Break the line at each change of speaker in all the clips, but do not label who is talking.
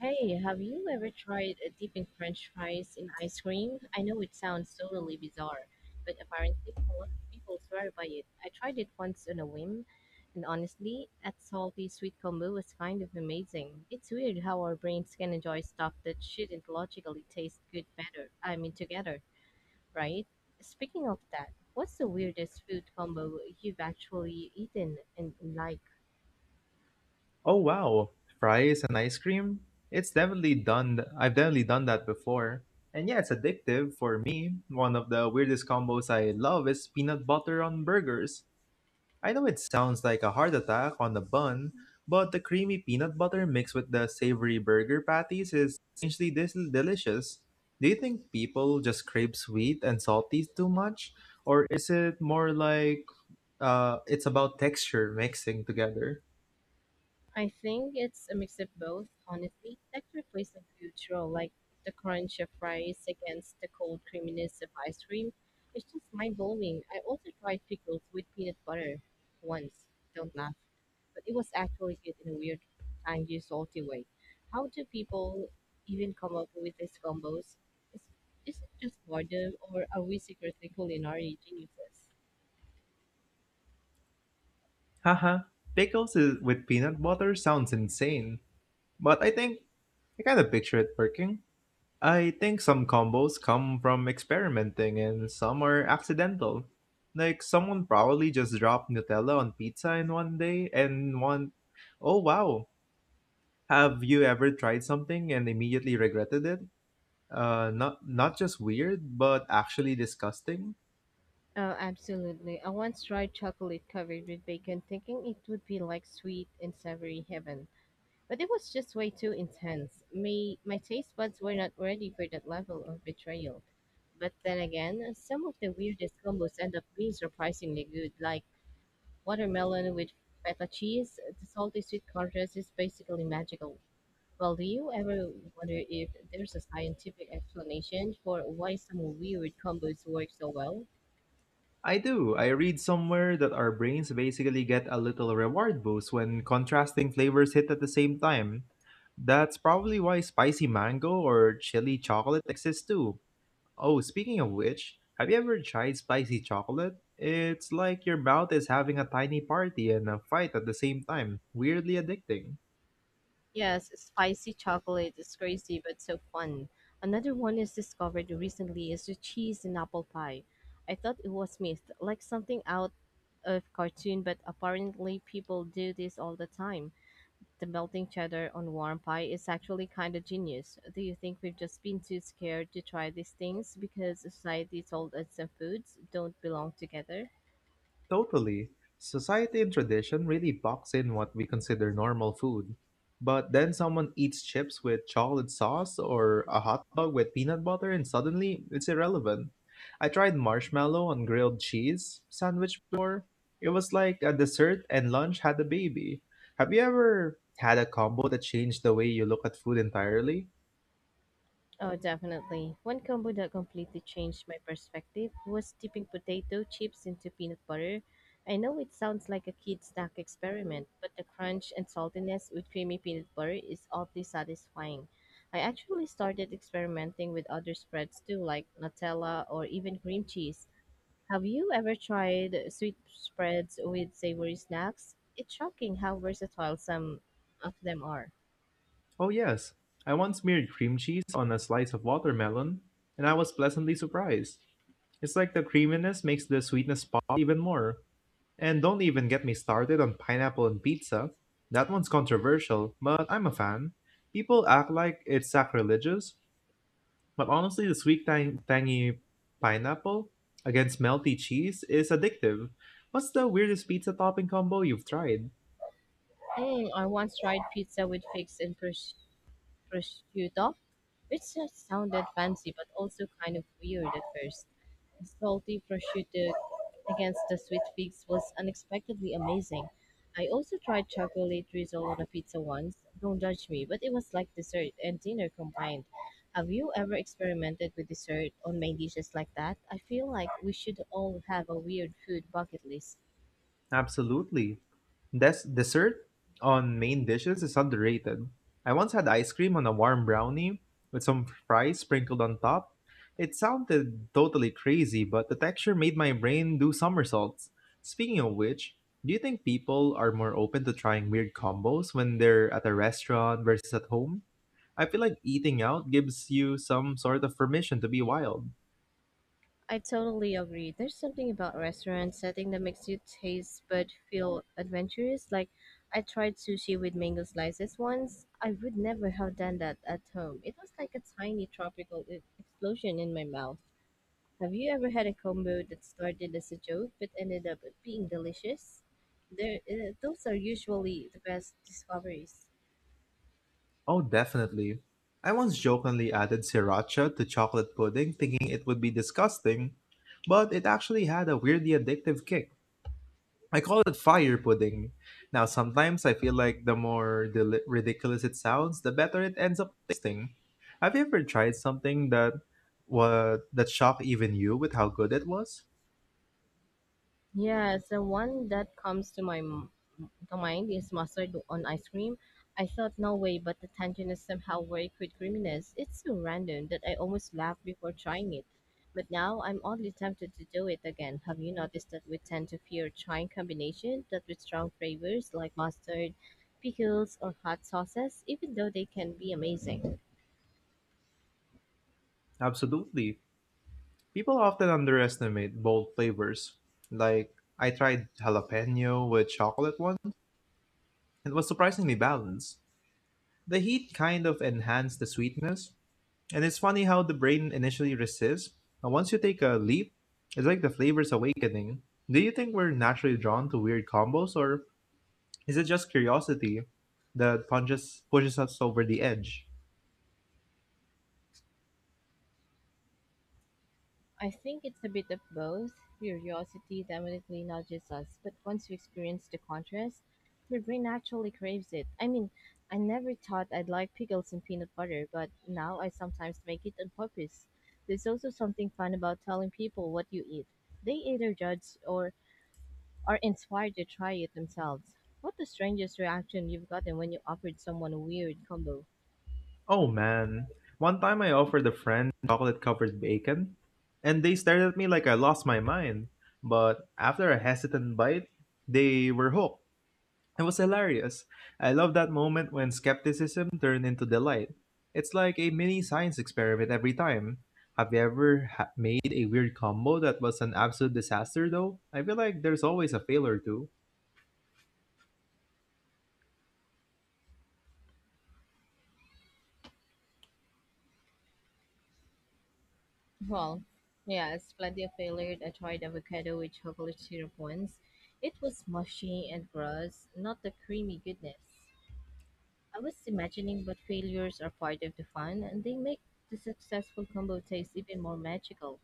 Hey, have you ever tried dipping French fries in ice cream? I know it sounds totally bizarre, but apparently a lot of people swear by it. I tried it once on a whim, and honestly, that salty sweet combo was kind of amazing. It's weird how our brains can enjoy stuff that shouldn't logically taste good better. I mean, together, right? Speaking of that, what's the weirdest food combo you've actually eaten and liked?
Oh wow, fries and ice cream? It's definitely done th- I've definitely done that before. And yeah, it's addictive for me. One of the weirdest combos I love is peanut butter on burgers. I know it sounds like a heart attack on the bun, but the creamy peanut butter mixed with the savory burger patties is essentially this delicious. Do you think people just crave sweet and salty too much? Or is it more like it's about texture mixing together?
I think it's a mix of both, honestly. Texture plays a huge role, like the crunch of fries against the cold creaminess of ice cream. It's just mind blowing. I also tried pickles with peanut butter once. Don't laugh. But it was actually good in a weird, tangy, salty way. How do people even come up with these combos? Is, is it just boredom, or are we secretly culinary geniuses?
Haha, with peanut butter sounds insane, but I think I kind of picture it working. I think some combos come from experimenting and some are accidental. Like someone probably just dropped Nutella on pizza in one day and one oh wow. Have you ever tried something and immediately regretted it? Not just weird, but actually disgusting.
Oh, absolutely. I once tried chocolate covered with bacon, thinking it would be like sweet and savory heaven, but it was just way too intense. Me, my taste buds were not ready for that level of betrayal. But then again, some of the weirdest combos end up being surprisingly good, like watermelon with feta cheese. The salty sweet contrast is basically magical. Well, do you ever wonder if there's a scientific explanation for why some weird combos work so well?
I do. I read somewhere that our brains basically get a little reward boost when contrasting flavors hit at the same time. That's probably why spicy mango or chili chocolate exists too. Oh, speaking of which, have you ever tried spicy chocolate? It's like your mouth is having a tiny party and a fight at the same time. Weirdly addicting.
Yes, spicy chocolate is crazy but so fun. Another one is discovered recently is the cheese in apple pie. I thought it was myth, like something out of cartoon, but apparently people do this all the time. The melting cheddar on warm pie is actually kind of genius. Do you think we've just been too scared to try these things because society told us some foods don't belong together?
Totally. Society and tradition really box in what we consider normal food. But then someone eats chips with chocolate sauce or a hot dog with peanut butter, and suddenly it's irrelevant. I tried marshmallow on grilled cheese sandwich before. It was like a dessert and lunch had a baby. Have you ever had a combo that changed the way you look at food entirely?
Oh, definitely. One combo that completely changed my perspective was dipping potato chips into peanut butter. I know it sounds like a kid's snack experiment, but the crunch and saltiness with creamy peanut butter is oddly satisfying. I actually started experimenting with other spreads too, like Nutella or even cream cheese. Have you ever tried sweet spreads with savory snacks? It's shocking how versatile some of them are.
Oh, yes. I once smeared cream cheese on a slice of watermelon, and I was pleasantly surprised. It's like the creaminess makes the sweetness pop even more. And don't even get me started on pineapple and pizza. That one's controversial, but I'm a fan. People act like it's sacrilegious, but honestly, the tangy pineapple against melty cheese is addictive. What's the weirdest pizza topping combo you've tried?
Mm, I once tried pizza with figs and prosciutto, which just sounded fancy but also kind of weird at first. The salty prosciutto against the sweet figs was unexpectedly amazing. I also tried chocolate drizzle on a pizza once. Don't judge me, but it was like dessert and dinner combined. Have you ever experimented with dessert on main dishes like that? I feel like we should all have a weird food bucket list.
Absolutely. Dessert on main dishes is underrated. I once had ice cream on a warm brownie with some fries sprinkled on top. It sounded totally crazy, but the texture made my brain do somersaults. Speaking of which, do you think people are more open to trying weird combos when they're at a restaurant versus at home? I feel like eating out gives you some sort of permission to be wild.
I totally agree. There's something about restaurant setting that makes you taste but feel adventurous. Like I tried sushi with mango slices once. I would never have done that at home. It was like a tiny tropical explosion in my mouth. Have you ever had a combo that started as a joke but ended up being delicious? Those are usually the best discoveries.
Oh, definitely. I once jokingly added sriracha to chocolate pudding, thinking it would be disgusting, but it actually had a weirdly addictive kick. I call it fire pudding. Now, sometimes I feel like the more ridiculous it sounds, the better it ends up tasting. Have you ever tried something that wa that shocked even you with how good it was?
Yeah, so one that comes to to mind is mustard on ice cream. I thought no way, but the tangent is somehow very quick creaminess. It's so random that I almost laughed before trying it. But now I'm oddly tempted to do it again. Have you noticed that we tend to fear trying combinations that with strong flavors like mustard, pickles, or hot sauces, even though they can be amazing?
Absolutely. People often underestimate bold flavors. Like, I tried jalapeno with chocolate once, and it was surprisingly balanced. The heat kind of enhanced the sweetness, and it's funny how the brain initially resists, but once you take a leap, it's like the flavor's awakening. Do you think we're naturally drawn to weird combos, or is it just curiosity that punches pushes us over the edge?
I think it's a bit of both. Curiosity definitely nudges us, but once you experience the contrast, your brain naturally craves it. I mean, I never thought I'd like pickles and peanut butter, but now I sometimes make it on purpose. There's also something fun about telling people what you eat. They either judge or are inspired to try it themselves. What the strangest reaction you've gotten when you offered someone a weird combo?
Oh man, one time I offered a friend chocolate covered bacon, and they stared at me like I lost my mind. But after a hesitant bite, they were hooked. It was hilarious. I love that moment when skepticism turned into delight. It's like a mini science experiment every time. Have you ever ha- made a weird combo that was an absolute disaster though? I feel like there's always a fail or two.
Well, yes, plenty of failure. I tried avocado with chocolate syrup once. It was mushy and gross, not the creamy goodness. I was imagining, but failures are part of the fun and they make the successful combo taste even more magical.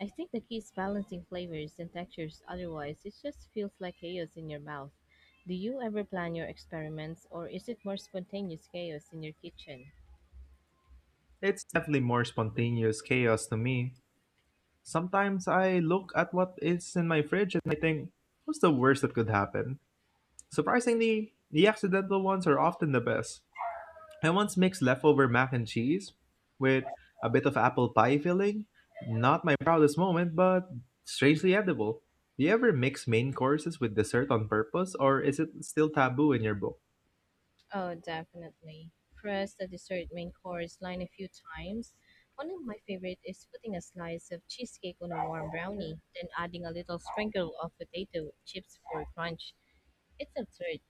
I think the key is balancing flavors and textures, otherwise, it just feels like chaos in your mouth. Do you ever plan your experiments, or is it more spontaneous chaos in your kitchen?
It's definitely more spontaneous chaos to me. Sometimes I look at what is in my fridge and I think, what's the worst that could happen? Surprisingly, the accidental ones are often the best. I once mixed leftover mac and cheese with a bit of apple pie filling. Not my proudest moment, but strangely edible. Do you ever mix main courses with dessert on purpose, or is it still taboo in your book?
Oh, definitely. Press the dessert main course line a few times. One of my favorite is putting a slice of cheesecake on a warm brownie, then adding a little sprinkle of potato chips for crunch. It's absurd,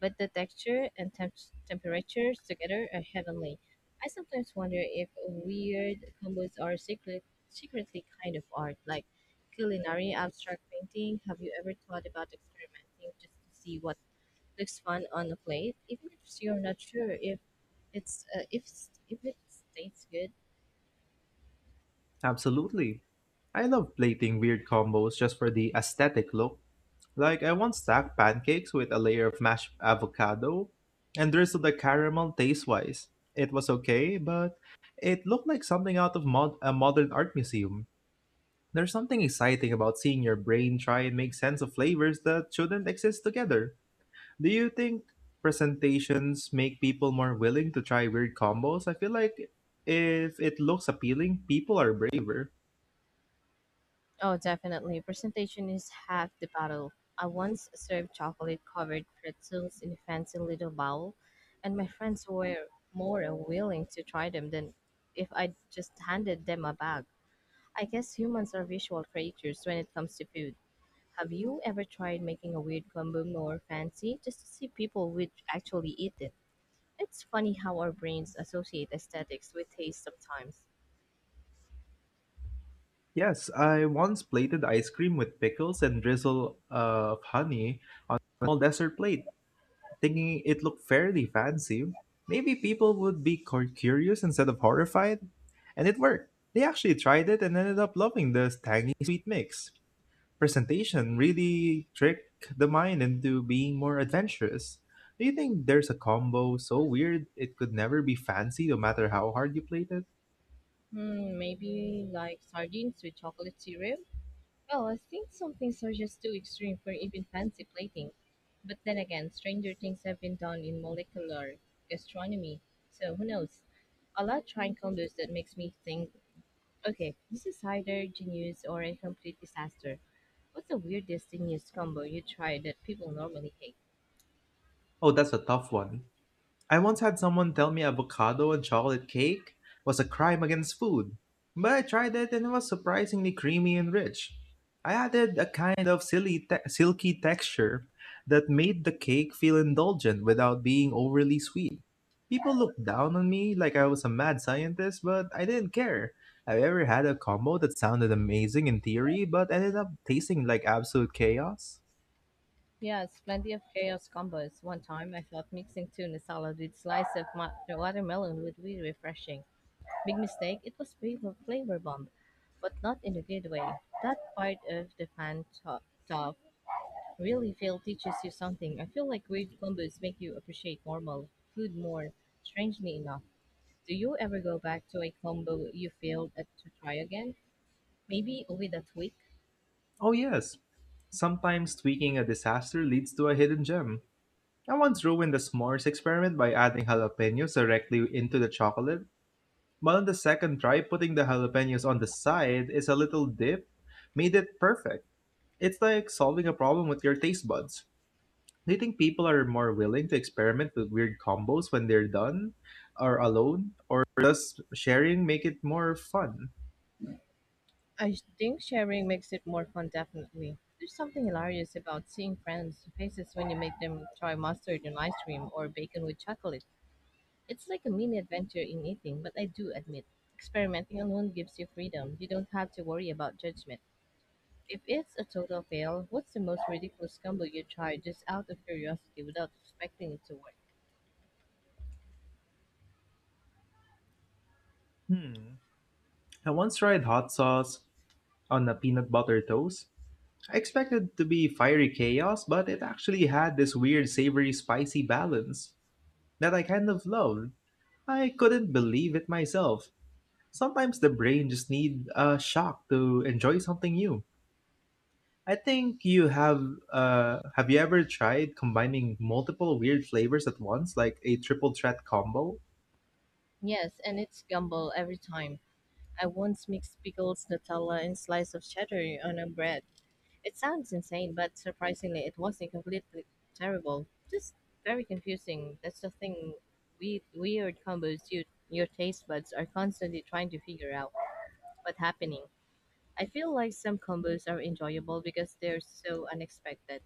but the texture and temperatures together are heavenly. I sometimes wonder if weird combos are secretly kind of art, like culinary abstract painting. Have you ever thought about experimenting just to see what looks fun on a plate, even if you're not sure if it's if it's- if it tastes good.
Absolutely. I love plating weird combos just for the aesthetic look. Like, I once stacked pancakes with a layer of mashed avocado and drizzled the caramel taste wise. It was okay, but it looked like something out of a modern art museum. There's something exciting about seeing your brain try and make sense of flavors that shouldn't exist together. Do you think presentations make people more willing to try weird combos? I feel like if it looks appealing, people are braver.
Oh, definitely. Presentation is half the battle. I once served chocolate-covered pretzels in a fancy little bowl, and my friends were more willing to try them than if I just handed them a bag. I guess humans are visual creatures when it comes to food. Have you ever tried making a weird combo more fancy just to see people would actually eat it? It's funny how our brains associate aesthetics with taste sometimes.
Yes, I once plated ice cream with pickles and drizzle of honey on a small dessert plate, thinking it looked fairly fancy. Maybe people would be curious instead of horrified, and it worked. They actually tried it and ended up loving the tangy sweet mix. Presentation really trick the mind into being more adventurous. Do you think there's a combo so weird it could never be fancy no matter how hard you played it?
Hmm, maybe like sardines with chocolate cereal? Well, I think some things are just too extreme for even fancy plating. But then again, stranger things have been done in molecular gastronomy, so who knows? I love trying combos that makes me think, okay, this is either genius or a complete disaster. What's the weirdest genius combo you tried that people normally hate?
Oh, that's a tough one. I once had someone tell me avocado and chocolate cake was a crime against food, but I tried it and it was surprisingly creamy and rich. I added a kind of silky texture that made the cake feel indulgent without being overly sweet. People looked down on me like I was a mad scientist, but I didn't care. Have you ever had a combo that sounded amazing in theory but ended up tasting like absolute chaos?
Yes, plenty of chaos combos. One time I thought mixing tuna salad with slice of watermelon would be refreshing. Big mistake, it was flavor bomb, but not in a good way. That part of the fan top really feel teaches you something. I feel like weird combos make you appreciate normal food more, strangely enough. Do you ever go back to a combo you failed at to try again? Maybe with a tweak?
Oh, yes. Sometimes tweaking a disaster leads to a hidden gem. I once ruined the s'mores experiment by adding jalapenos directly into the chocolate, but on the second try, putting the jalapenos on the side is a little dip made it perfect. It's like solving a problem with your taste buds. Do you think people are more willing to experiment with weird combos when they're done or alone, or does sharing make it more fun?
I think sharing makes it more fun, definitely. There's something hilarious about seeing friends' faces when you make them try mustard on ice cream or bacon with chocolate. It's like a mini adventure in eating, but I do admit, experimenting alone gives you freedom. You don't have to worry about judgment. If it's a total fail, what's the most ridiculous gumbo you tried just out of curiosity without expecting it to work?
Hmm. I once tried hot sauce on a peanut butter toast, I expected to be fiery chaos, but it actually had this weird savory spicy balance that I kind of loved. I couldn't believe it myself. Sometimes the brain just need a shock to enjoy something new. I think you have Have you ever tried combining multiple weird flavors at once like a triple threat combo?
Yes, and it's gumbo every time. I once mixed pickles, Nutella, and slice of cheddar on a bread. It sounds insane, but surprisingly, it wasn't completely terrible. Just very confusing. That's the thing. We weird combos you your taste buds are constantly trying to figure out what's happening. I feel like some combos are enjoyable because they're so unexpected.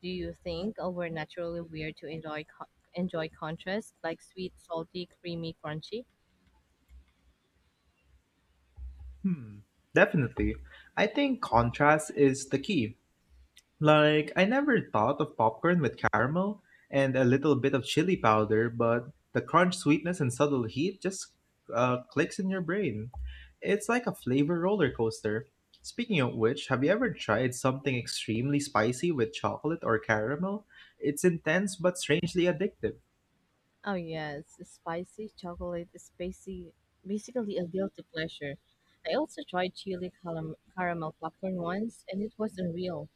Do you think oh, we're naturally weird to enjoy enjoy contrast like sweet, salty, creamy, crunchy?
Hmm. Definitely. I think contrast is the key. Like, I never thought of popcorn with caramel and a little bit of chili powder, but the crunch, sweetness, and subtle heat just clicks in your brain. It's like a flavor roller coaster. Speaking of which, have you ever tried something extremely spicy with chocolate or caramel? It's intense but strangely addictive.
Oh yes, spicy chocolate is basically a guilty pleasure. I also tried chili caramel popcorn once, and it was unreal.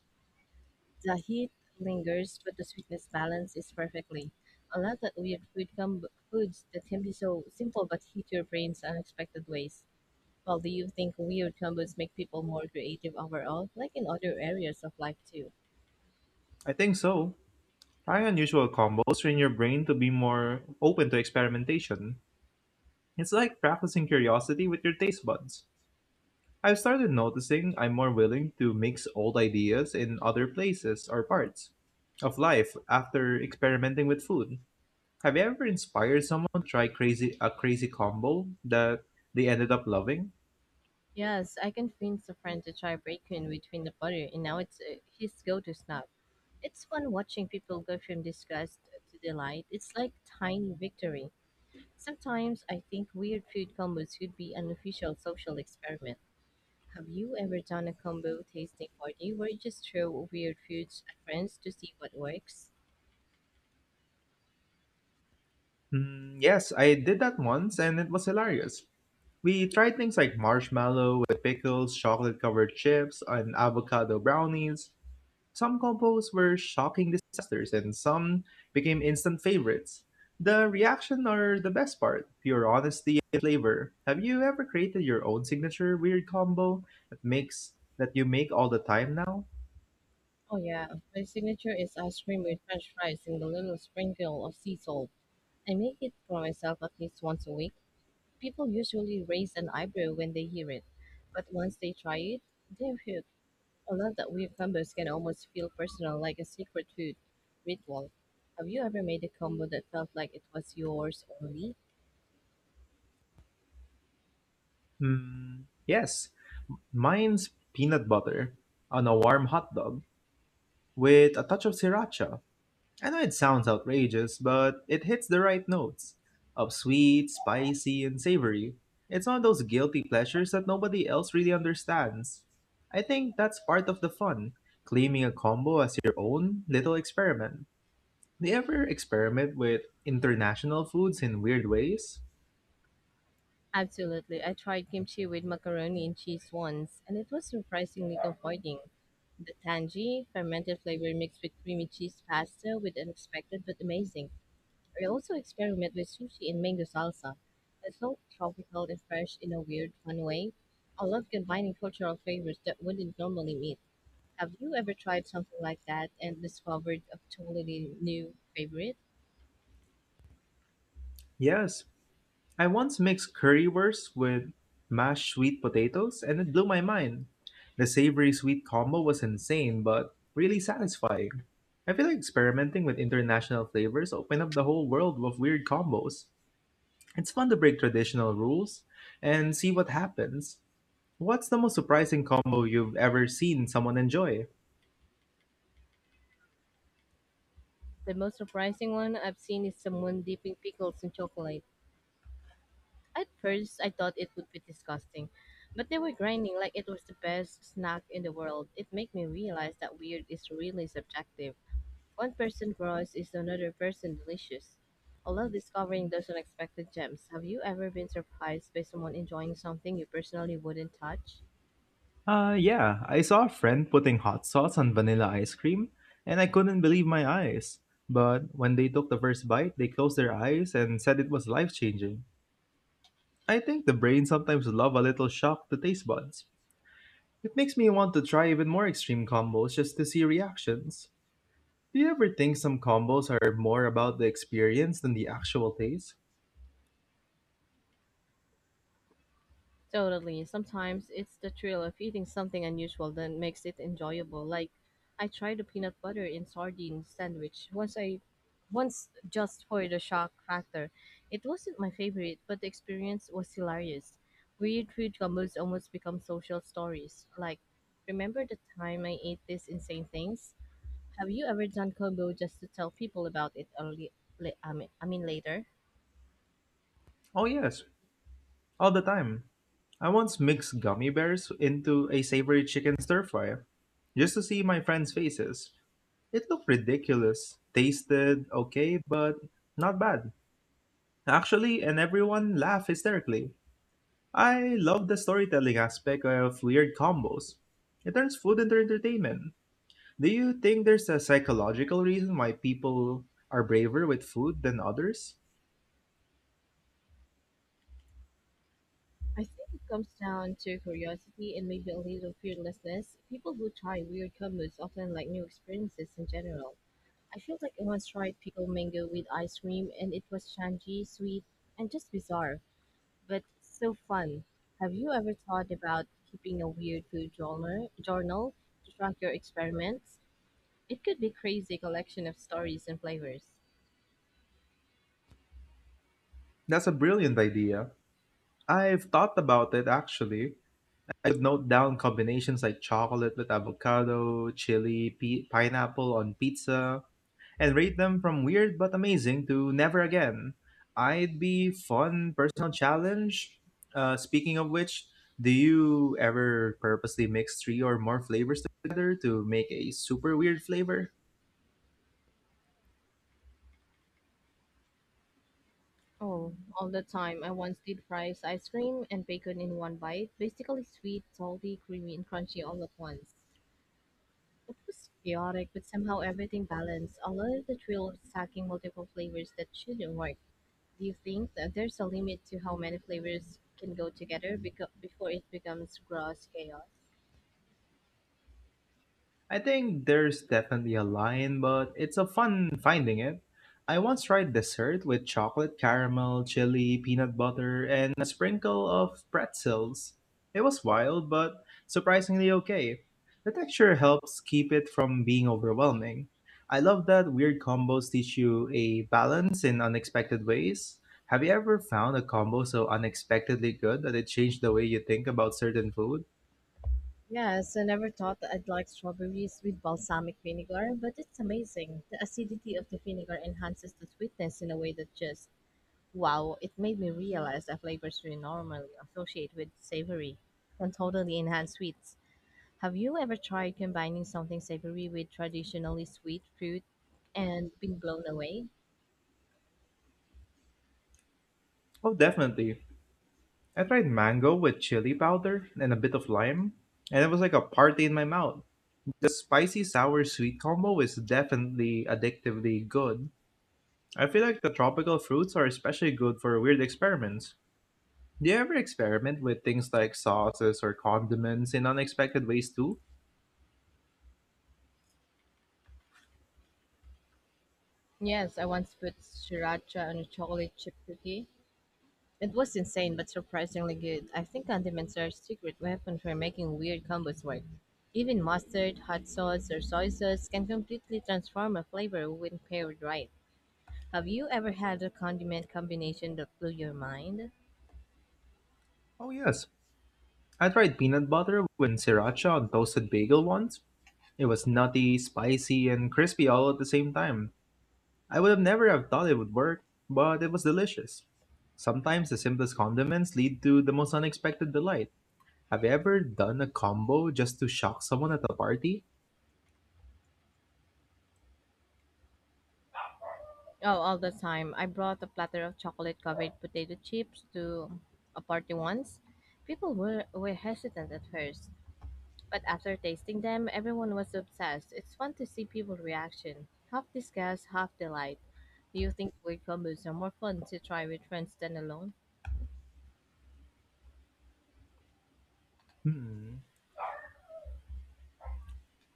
The heat lingers, but the sweetness balance is perfectly. I love that weird food foods that can be so simple but hit your brains unexpected ways. Well, do you think weird combos make people more creative overall, like in other areas of life too?
I think so. Trying unusual combos train your brain to be more open to experimentation. It's like practicing curiosity with your taste buds. I've started noticing I'm more willing to mix old ideas in other places or parts of life after experimenting with food. Have you ever inspired someone to try crazy a crazy combo that they ended up loving?
Yes, I convinced a friend to try bacon between the butter, and now it's his go-to snack. It's fun watching people go from disgust to delight. It's like tiny victory. Sometimes I think weird food combos could be an official social experiment. Have you ever done a combo tasting party where you just throw weird foods at friends to see what works?
Hmm, yes, I did that once and it was hilarious. We tried things like marshmallow with pickles, chocolate covered chips, and avocado brownies. Some combos were shocking disasters and some became instant favorites. The reaction are the best part, pure honesty and flavor. Have you ever created your own signature weird combo that makes that you make all the time now?
Oh yeah, my signature is ice cream with french fries and a little sprinkle of sea salt. I make it for myself at least once a week. People usually raise an eyebrow when they hear it, but once they try it, they're hooked. I love that weird combos can almost feel personal, like a secret food ritual. Have you ever made a combo that felt like it was yours only?
Hmm, yes. Mine's peanut butter on a warm hot dog with a touch of sriracha. I know it sounds outrageous, but it hits the right notes of sweet, spicy, and savory. It's one of those guilty pleasures that nobody else really understands. I think that's part of the fun, claiming a combo as your own little experiment. Do you ever experiment with international foods in weird ways?
Absolutely. I tried kimchi with macaroni and cheese once, and it was surprisingly comforting. The tangy, fermented flavor mixed with creamy cheese pasta was unexpected but amazing. I also experiment with sushi and mango salsa. It felt tropical and fresh in a weird, fun way. I love combining cultural flavors that wouldn't normally meet. Have you ever tried something like that and discovered a totally new favorite?
Yes, I once mixed currywurst with mashed sweet potatoes and it blew my mind. The savory sweet combo was insane but really satisfying. I feel like experimenting with international flavors open up the whole world of weird combos. It's fun to break traditional rules and see what happens. What's the most surprising combo you've ever seen someone enjoy?
The most surprising one I've seen is someone dipping pickles in chocolate. At first, I thought it would be disgusting, but they were grinding like it was the best snack in the world. It made me realize that weird is really subjective. One person gross is another person delicious. I love discovering those unexpected gems. Have you ever been surprised by someone enjoying something you personally wouldn't touch?
Yeah, I saw a friend putting hot sauce on vanilla ice cream, and I couldn't believe my eyes. But when they took the first bite, they closed their eyes and said it was life changing. I think the brain sometimes love a little shock to taste buds. It makes me want to try even more extreme combos just to see reactions. Do you ever think some combos are more about the experience than the actual taste?
Totally. Sometimes it's the thrill of eating something unusual that makes it enjoyable. Like I tried a peanut butter and sardine sandwich once just for the shock factor. It wasn't my favorite, but the experience was hilarious. Weird food combos almost become social stories. Like, remember the time I ate this insane things? Have you ever done combo just to tell people about it early, I mean later?
Oh yes, all the time. I once mixed gummy bears into a savory chicken stir fry just to see my friends' faces. It looked ridiculous, tasted okay, but not bad, actually, and everyone laughed hysterically. I love the storytelling aspect of weird combos. It turns food into entertainment. Do you think there's a psychological reason why people are braver with food than others?
I think it comes down to curiosity and maybe a little fearlessness. People who try weird combos often like new experiences in general. I feel like I once tried pickled mango with ice cream and it was tangy, sweet, and just bizarre, but so fun. Have you ever thought about keeping a weird food journal to track your experiments? It could be crazy collection of stories and flavors.
That's a brilliant idea. I've thought about it actually. I would note down combinations like chocolate with avocado, chili, pineapple on pizza, and rate them from weird but amazing to never again. I'd be fun personal challenge. Speaking of which, do you ever purposely mix three or more flavors together to make a super weird flavor?
Oh, all the time. I once did fries, ice cream, and bacon in one bite. Basically sweet, salty, creamy, and crunchy all at once. It was chaotic, but somehow everything balanced. I love the thrill of stacking multiple flavors that shouldn't work. Do you think that there's a limit to how many flavors can go together before it becomes gross chaos?
I think there's definitely a line, but it's a fun finding it. I once tried dessert with chocolate caramel, chili, peanut butter, and a sprinkle of pretzels. It was wild, but surprisingly okay. The texture helps keep it from being overwhelming. I love that weird combos teach you a balance in unexpected ways. Have you ever found a combo so unexpectedly good that it changed the way you think about certain food?
Yes, I never thought that I'd like strawberries with balsamic vinegar, but it's amazing. The acidity of the vinegar enhances the sweetness in a way that just wow, it made me realize that flavors we normally associate with savory can totally enhance sweets. Have you ever tried combining something savory with traditionally sweet fruit and been blown away?
Oh, definitely. I tried mango with chili powder and a bit of lime, and it was like a party in my mouth. The spicy sour sweet combo is definitely addictively good. I feel like the tropical fruits are especially good for weird experiments. Do you ever experiment with things like sauces or condiments in unexpected ways too?
Yes, I once put sriracha on a chocolate chip cookie. It was insane but surprisingly good. I think condiments are a secret weapon for making weird combos work. Even mustard, hot sauce, or soy sauce can completely transform a flavor when paired right. Have you ever had a condiment combination that blew your mind?
Oh, yes. I tried peanut butter with sriracha on toasted bagel once. It was nutty, spicy, and crispy all at the same time. I would have never have thought it would work, but it was delicious. Sometimes the simplest condiments lead to the most unexpected delight. Have you ever done a combo just to shock someone at a party?
Oh, all the time. I brought a platter of chocolate covered potato chips to a party once. People were hesitant at first, but after tasting them, everyone was obsessed. It's fun to see people's reaction. Half disgust, half delight. Do you think weird combos are more fun to try with friends than alone?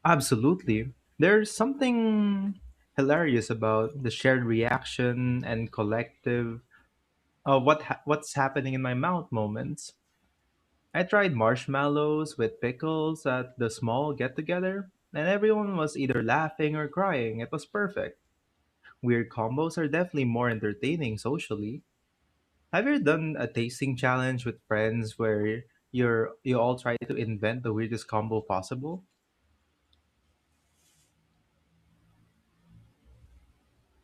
Absolutely. There's something hilarious about the shared reaction and collective what's happening in my mouth moments. I tried marshmallows with pickles at the small get together, and everyone was either laughing or crying. It was perfect. Weird combos are definitely more entertaining socially. Have you ever done a tasting challenge with friends where you all try to invent the weirdest combo possible?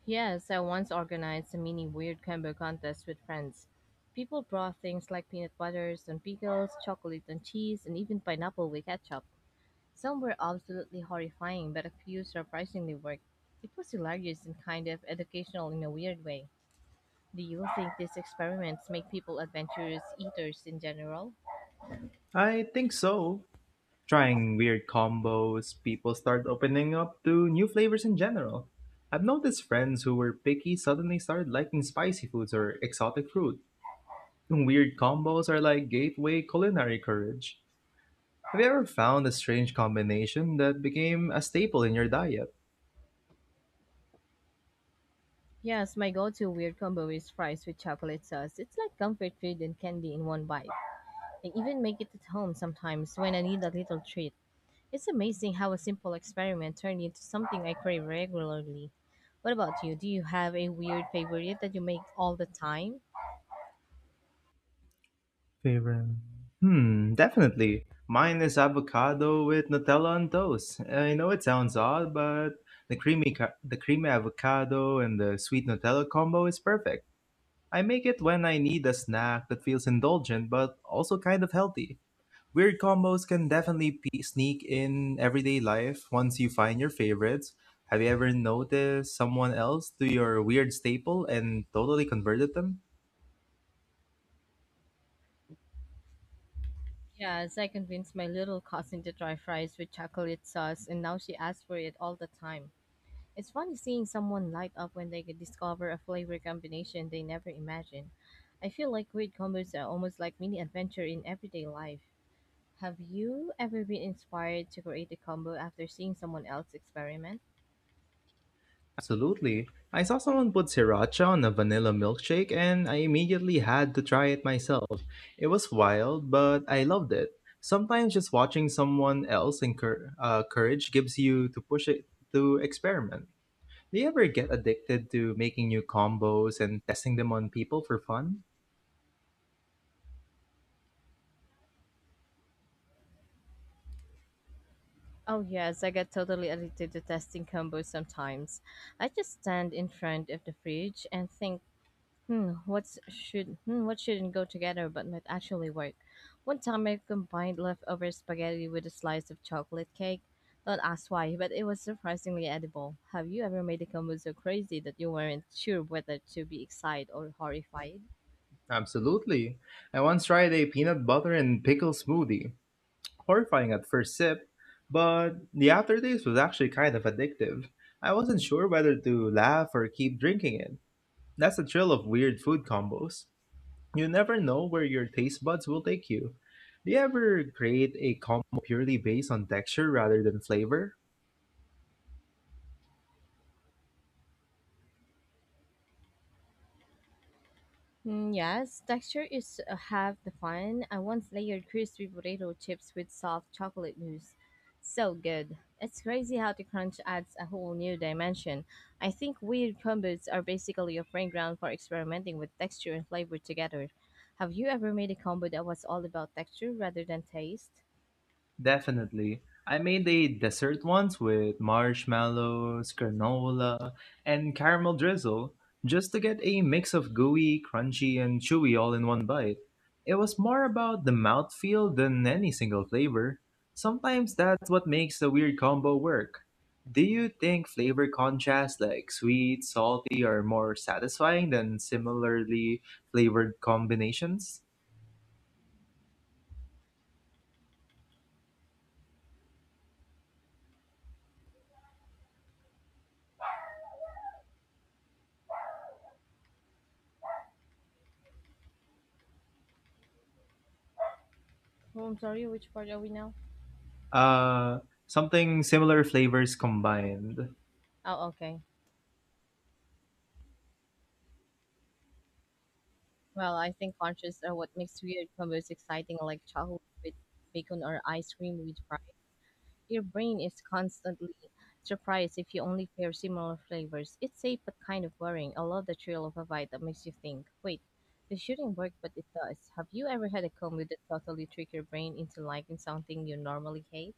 Yes, I once organized a mini weird combo contest with friends. People brought things like peanut butters and pickles, chocolate and cheese, and even pineapple with ketchup. Some were absolutely horrifying, but a few surprisingly worked. It was hilarious and kind of educational in a weird way. Do you think these experiments make people adventurous eaters in general?
I think so. Trying weird combos, people start opening up to new flavors in general. I've noticed friends who were picky suddenly started liking spicy foods or exotic fruit. Weird combos are like gateway culinary courage. Have you ever found a strange combination that became a staple in your diet?
Yes, my go-to weird combo is fries with chocolate sauce. It's like comfort food and candy in one bite. I even make it at home sometimes when I need a little treat. It's amazing how a simple experiment turned into something I crave regularly. What about you? Do you have a weird favorite that you make all the time?
Favorite? Hmm, definitely. Mine is avocado with Nutella on toast. I know it sounds odd, but the creamy avocado and the sweet Nutella combo is perfect. I make it when I need a snack that feels indulgent but also kind of healthy. Weird combos can definitely pe sneak in everyday life once you find your favorites. Have you ever noticed someone else do your weird staple and totally converted them?
Yeah, I convinced my little cousin to try fries with chocolate sauce, and now she asks for it all the time. It's funny seeing someone light up when they discover a flavor combination they never imagined. I feel like weird combos are almost like mini adventure in everyday life. Have you ever been inspired to create a combo after seeing someone else experiment?
Absolutely. I saw someone put sriracha on a vanilla milkshake and I immediately had to try it myself. It was wild, but I loved it. Sometimes just watching someone else courage gives you to push it to experiment. Do you ever get addicted to making new combos and testing them on people for fun?
Oh yes, I get totally addicted to testing combos sometimes. I just stand in front of the fridge and think, hmm, what's should hmm, what shouldn't go together but might actually work. One time I combined leftover spaghetti with a slice of chocolate cake. Don't ask why, but it was surprisingly edible. Have you ever made a combo so crazy that you weren't sure whether to be excited or horrified?
Absolutely. I once tried a peanut butter and pickle smoothie. Horrifying at first sip, but the aftertaste was actually kind of addictive. I wasn't sure whether to laugh or keep drinking it. That's the thrill of weird food combos. You never know where your taste buds will take you. Do you ever create a combo purely based on texture rather than flavor?
Yes, texture is half the fun. I once layered crispy potato chips with soft chocolate mousse. So good. It's crazy how the crunch adds a whole new dimension. I think weird combos are basically a playing ground for experimenting with texture and flavor together. Have you ever made a combo that was all about texture rather than taste?
Definitely. I made a dessert once with marshmallows, granola, and caramel drizzle just to get a mix of gooey, crunchy, and chewy all in one bite. It was more about the mouthfeel than any single flavor. Sometimes that's what makes a weird combo work. Do you think flavor contrasts like sweet, salty are more satisfying than similarly flavored combinations?
Oh, I'm sorry, which part are we now?
Uh, something similar flavors combined.
Oh, okay. Well, I think crunches are what makes weird combos exciting, like chocolate with bacon or ice cream with fries. Your brain is constantly surprised if you only pair similar flavors. It's safe but kind of worrying. I love the thrill of a bite that makes you think, wait, this shouldn't work, but it does. Have you ever had a combo that totally trick your brain into liking something you normally hate?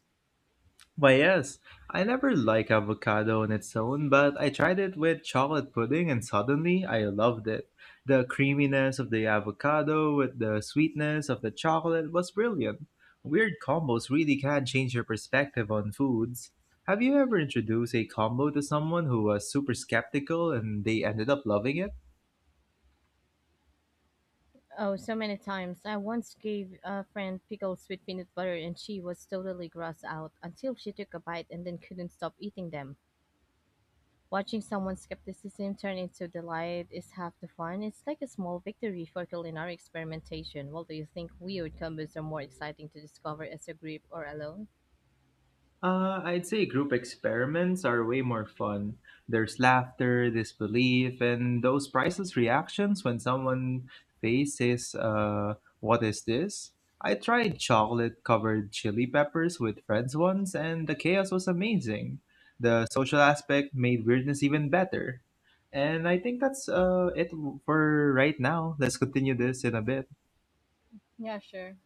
Why, yes, I never like avocado on its own, but I tried it with chocolate pudding and suddenly I loved it. The creaminess of the avocado with the sweetness of the chocolate was brilliant. Weird combos really can change your perspective on foods. Have you ever introduced a combo to someone who was super skeptical and they ended up loving it?
Oh, so many times. I once gave a friend pickles with peanut butter and she was totally grossed out until she took a bite and then couldn't stop eating them. Watching someone's skepticism turn into delight is half the fun. It's like a small victory for culinary experimentation. Well, do you think weird combos are more exciting to discover as a group or alone?
I'd say group experiments are way more fun. There's laughter, disbelief, and those priceless reactions when someone faces, what is this? I tried chocolate covered chili peppers with friends once, and the chaos was amazing. The social aspect made weirdness even better. And I think that's it for right now. Let's continue this in a bit.
Yeah, sure.